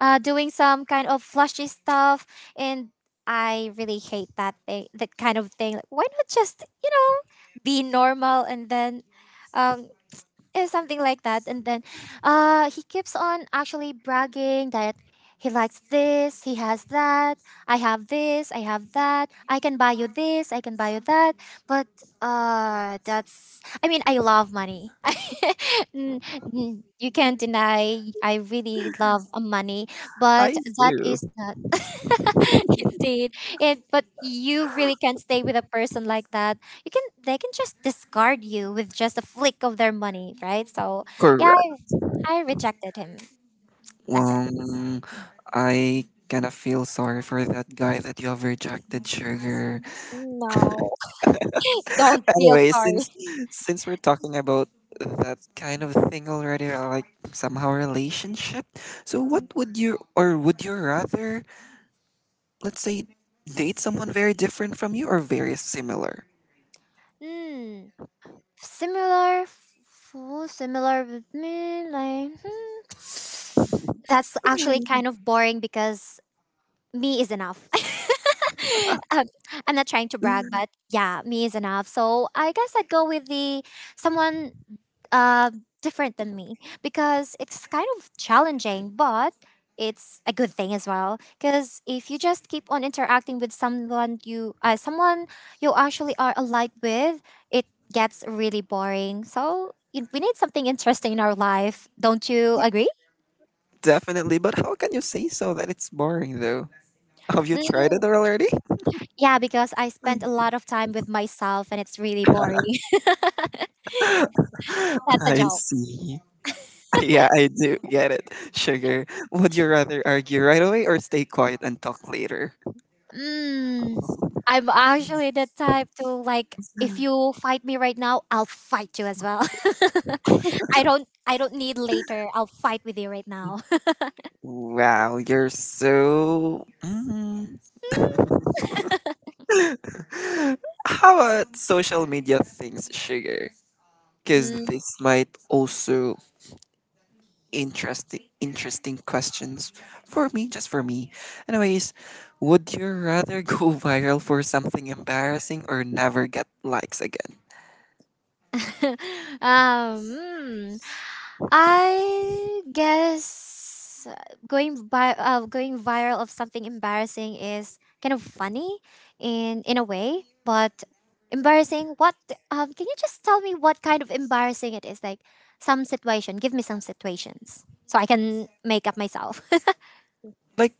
doing some kind of flashy stuff, and I really hate that thing, that kind of thing. Like, why not just you know be normal and then um, yeah, something like that. And then he keeps on actually bragging that he likes this, he has that, I have this, I have that, I can buy you this, I can buy you that. But that's, I mean, I love money. Mm, you can't deny I really love money, but
I
that is
do.
not. Indeed. It, but you really can't stay with a person like that you can they can just discard you with just a flick of their money, right? So yeah,
Correct.
I rejected him. That's it.
Um, I kind of feel sorry for that guy that you have rejected, sugar.
No, don't feel
Anyway,
sorry.
since we're talking about that kind of thing already, like somehow relationship. So, what would you or would you rather, let's say, date someone very different from you or very similar?
Hmm. Similar, full similar with me. Like hmm, that's actually kind of boring because me is enough. um, I'm not trying to brag, but yeah, me is enough. So I guess I'd go with the someone uh, different than me because it's kind of challenging, but it's a good thing as well. Because if you just keep on interacting with someone you actually are alike with, it gets really boring. So we need something interesting in our life. Don't you agree?
Definitely, but how can you say so that it's boring though? Have you tried
Mm,
it already?
yeah, because I spend a lot of time with myself, and it's really boring. That's a
I
joke.
see. Yeah, I do get it. Sugar, would you rather argue right away or stay quiet and talk later?
Mm, I'm actually the type to like if you fight me right now, I'll fight you as well. I don't need later. I'll fight with you right now.
Wow, you're so. Mm. How about social media things, Sugar? Because
Mm.
this might also interesting questions for me, just for me. Anyways, would you rather go viral for something embarrassing or never get likes again?
um, mm, I guess going viral of something embarrassing is kind of funny in a way, but embarrassing. What can you just tell me what kind of embarrassing it is? Like some situation. Give me some situations so I can make up myself.
Like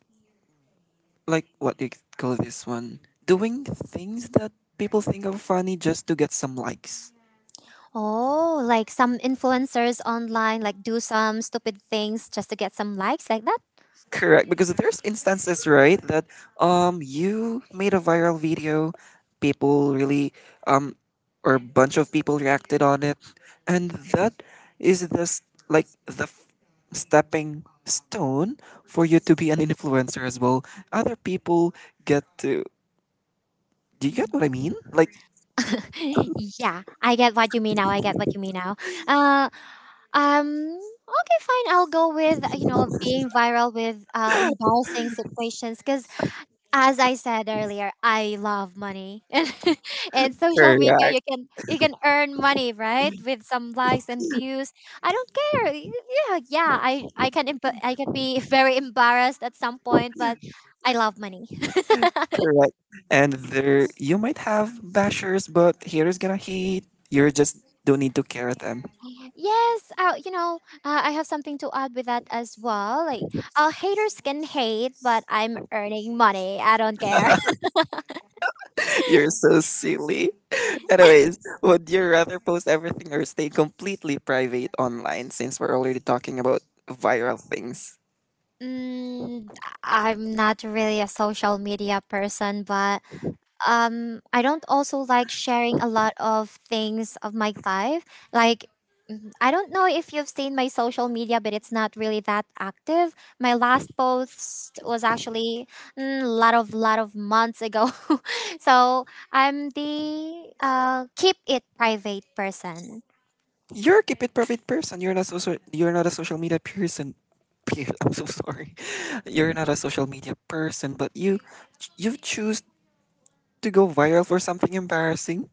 what do you call this one? Doing things that people think are funny just to get some likes.
Oh, like some influencers online like do some stupid things just to get some likes like that.
Correct, because there's instances, right, that you made a viral video, people really um or a bunch of people reacted on it, and that is this like the stepping stone for you to be an influencer as well. Other people get to. Do you get what I mean? Like,
Yeah, I get what you mean now. Uh, Um. Okay, fine. I'll go with you know being viral with embarrassing situations because, as I said earlier, I love money, and social media
correct.
you can earn money right with some likes and views. I don't care. Yeah, yeah. I can be very embarrassed at some point, but I love money.
Correct. And there, you might have bashers, but haters gonna hate. You just don't need to care them.
Yes, I have something to add with that as well. Like, haters can hate, but I'm earning money. I don't care.
You're so silly. Anyways, would you rather post everything or stay completely private online? Since we're already talking about viral things,
Mm, I'm not really a social media person, but I don't also like sharing a lot of things of my life. Like, I don't know if you've seen my social media, but it's not really that active. My last post was actually a lot of months ago, so I'm the keep it private person.
you're a keep it private person. You're not social. You're not a social media person. I'm so sorry. You're not a social media person, but you choose to go viral for something embarrassing.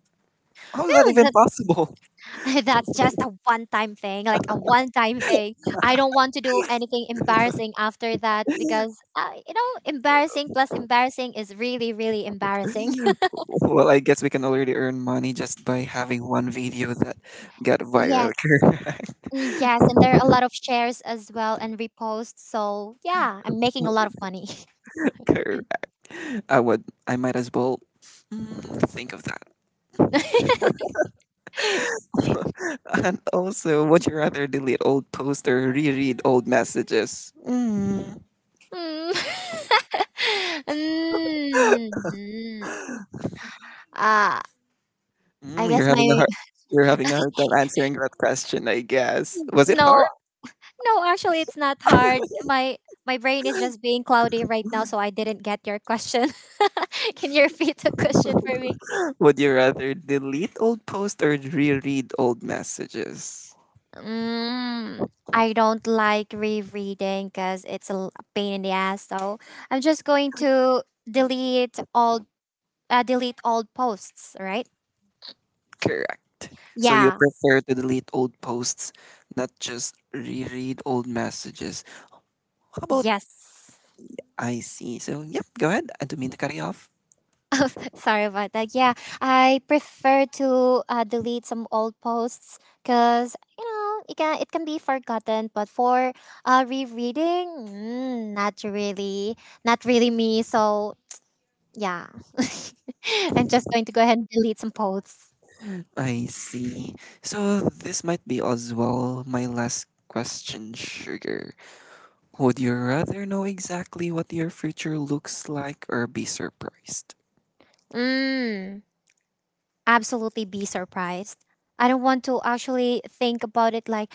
How is that even possible?
That's just a one time thing, like a one time thing. I don't want to do anything embarrassing after that because, embarrassing plus embarrassing is really, really embarrassing.
Well, I guess we can already earn money just by having one video that got viral.
Yes,
Correct.
yes. And there are a lot of shares as well and reposts. So, yeah, I'm making a lot of money.
Correct. I would. I might as well think of that. And also, would you rather delete old posts or reread old messages? Mm.
Mm. Mm. Ah, I
Mm,
guess
you're having a
my.
hard. You're having a hard time answering that question, I guess. Was it
No,
hard?
no, actually, it's not hard. My brain is just being cloudy right now, so I didn't get your question. Can you repeat the question for me?
Would you rather delete old posts or reread old messages?
Mm, I don't like rereading because it's a pain in the ass. So I'm just going to delete all posts. Right?
Correct. So you
Yeah.
prefer to delete old posts, not just reread old messages. How about
Yes.
I see? So, yep, go ahead. I don't mean to cut you off.
Oh, sorry about that. Yeah, I prefer to delete some old posts because you know it can be forgotten. But for rereading, not really me. So yeah, I'm just going to go ahead and delete some posts.
I see. So, this might be as well my last question, Sugar. Would you rather know exactly what your future looks like or be surprised?
Mm, absolutely, be surprised. I don't want to actually think about it. Like,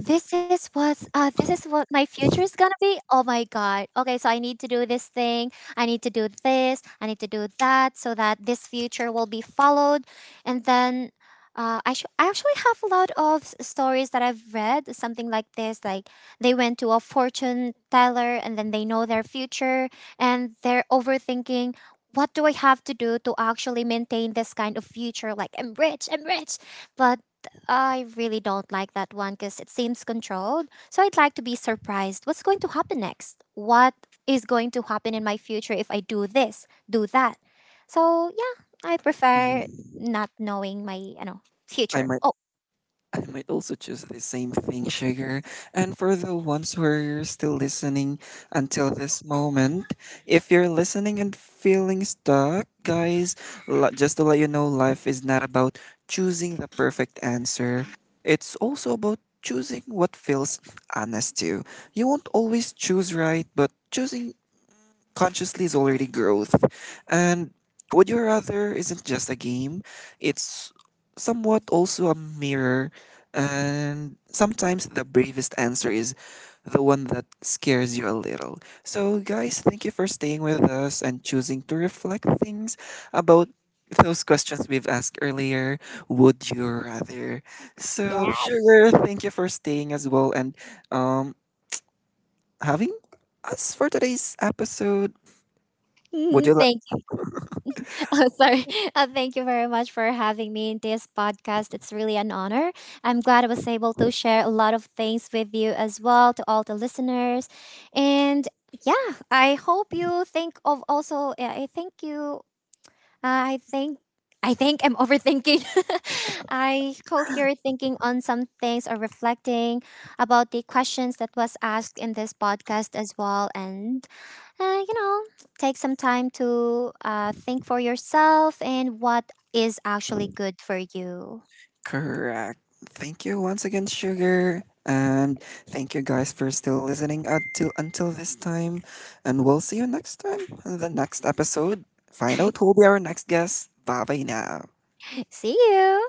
this is what's this is what my future is gonna be. Oh my god. Okay, so I need to do this thing, I need to do this, I need to do that so that this future will be followed. And then I actually have a lot of stories that I've read, something like this. Like they went to a fortune teller and then they know their future and they're overthinking what do I have to do to actually maintain this kind of future? Like, I'm rich. But I really don't like that one because it seems controlled. So I'd like to be surprised. What's going to happen next? What is going to happen in my future if I do this, do that? So yeah, I prefer
Mm.
not knowing my, you know,
I
future.
might
Oh
I might also choose the same thing, sugar. And for the ones who are still listening until this moment, if you're listening and feeling stuck, guys, just to let you know, life is not about choosing the perfect answer. It's also about choosing what feels honest to you. You won't always choose right, but choosing consciously is already growth. And Would You Rather isn't just a game, it's somewhat also a mirror. And sometimes the bravest answer is the one that scares you a little. So, guys, thank you for staying with us and choosing to reflect things about those questions we've asked earlier. Would you rather? So,
yes,
Sugar, thank you for staying as well and um, having us for today's episode. Would
mhm,
you
thank— oh, sorry. Thank you very much for having me in this podcast. It's really an honor. I'm glad I was able to share a lot of things with you as well to all the listeners. And yeah, I hope you think of also, yeah, I think you, I think. I think I'm overthinking. I hope you're thinking on some things or reflecting about the questions that was asked in this podcast as well. And uh, you know, take some time to think for yourself and what is actually good for you.
Correct. Thank you once again, Sugar. And thank you guys for still listening until this time. And we'll see you next time on the next episode. Find out who'll be our next guest. Bye bye now.
See you.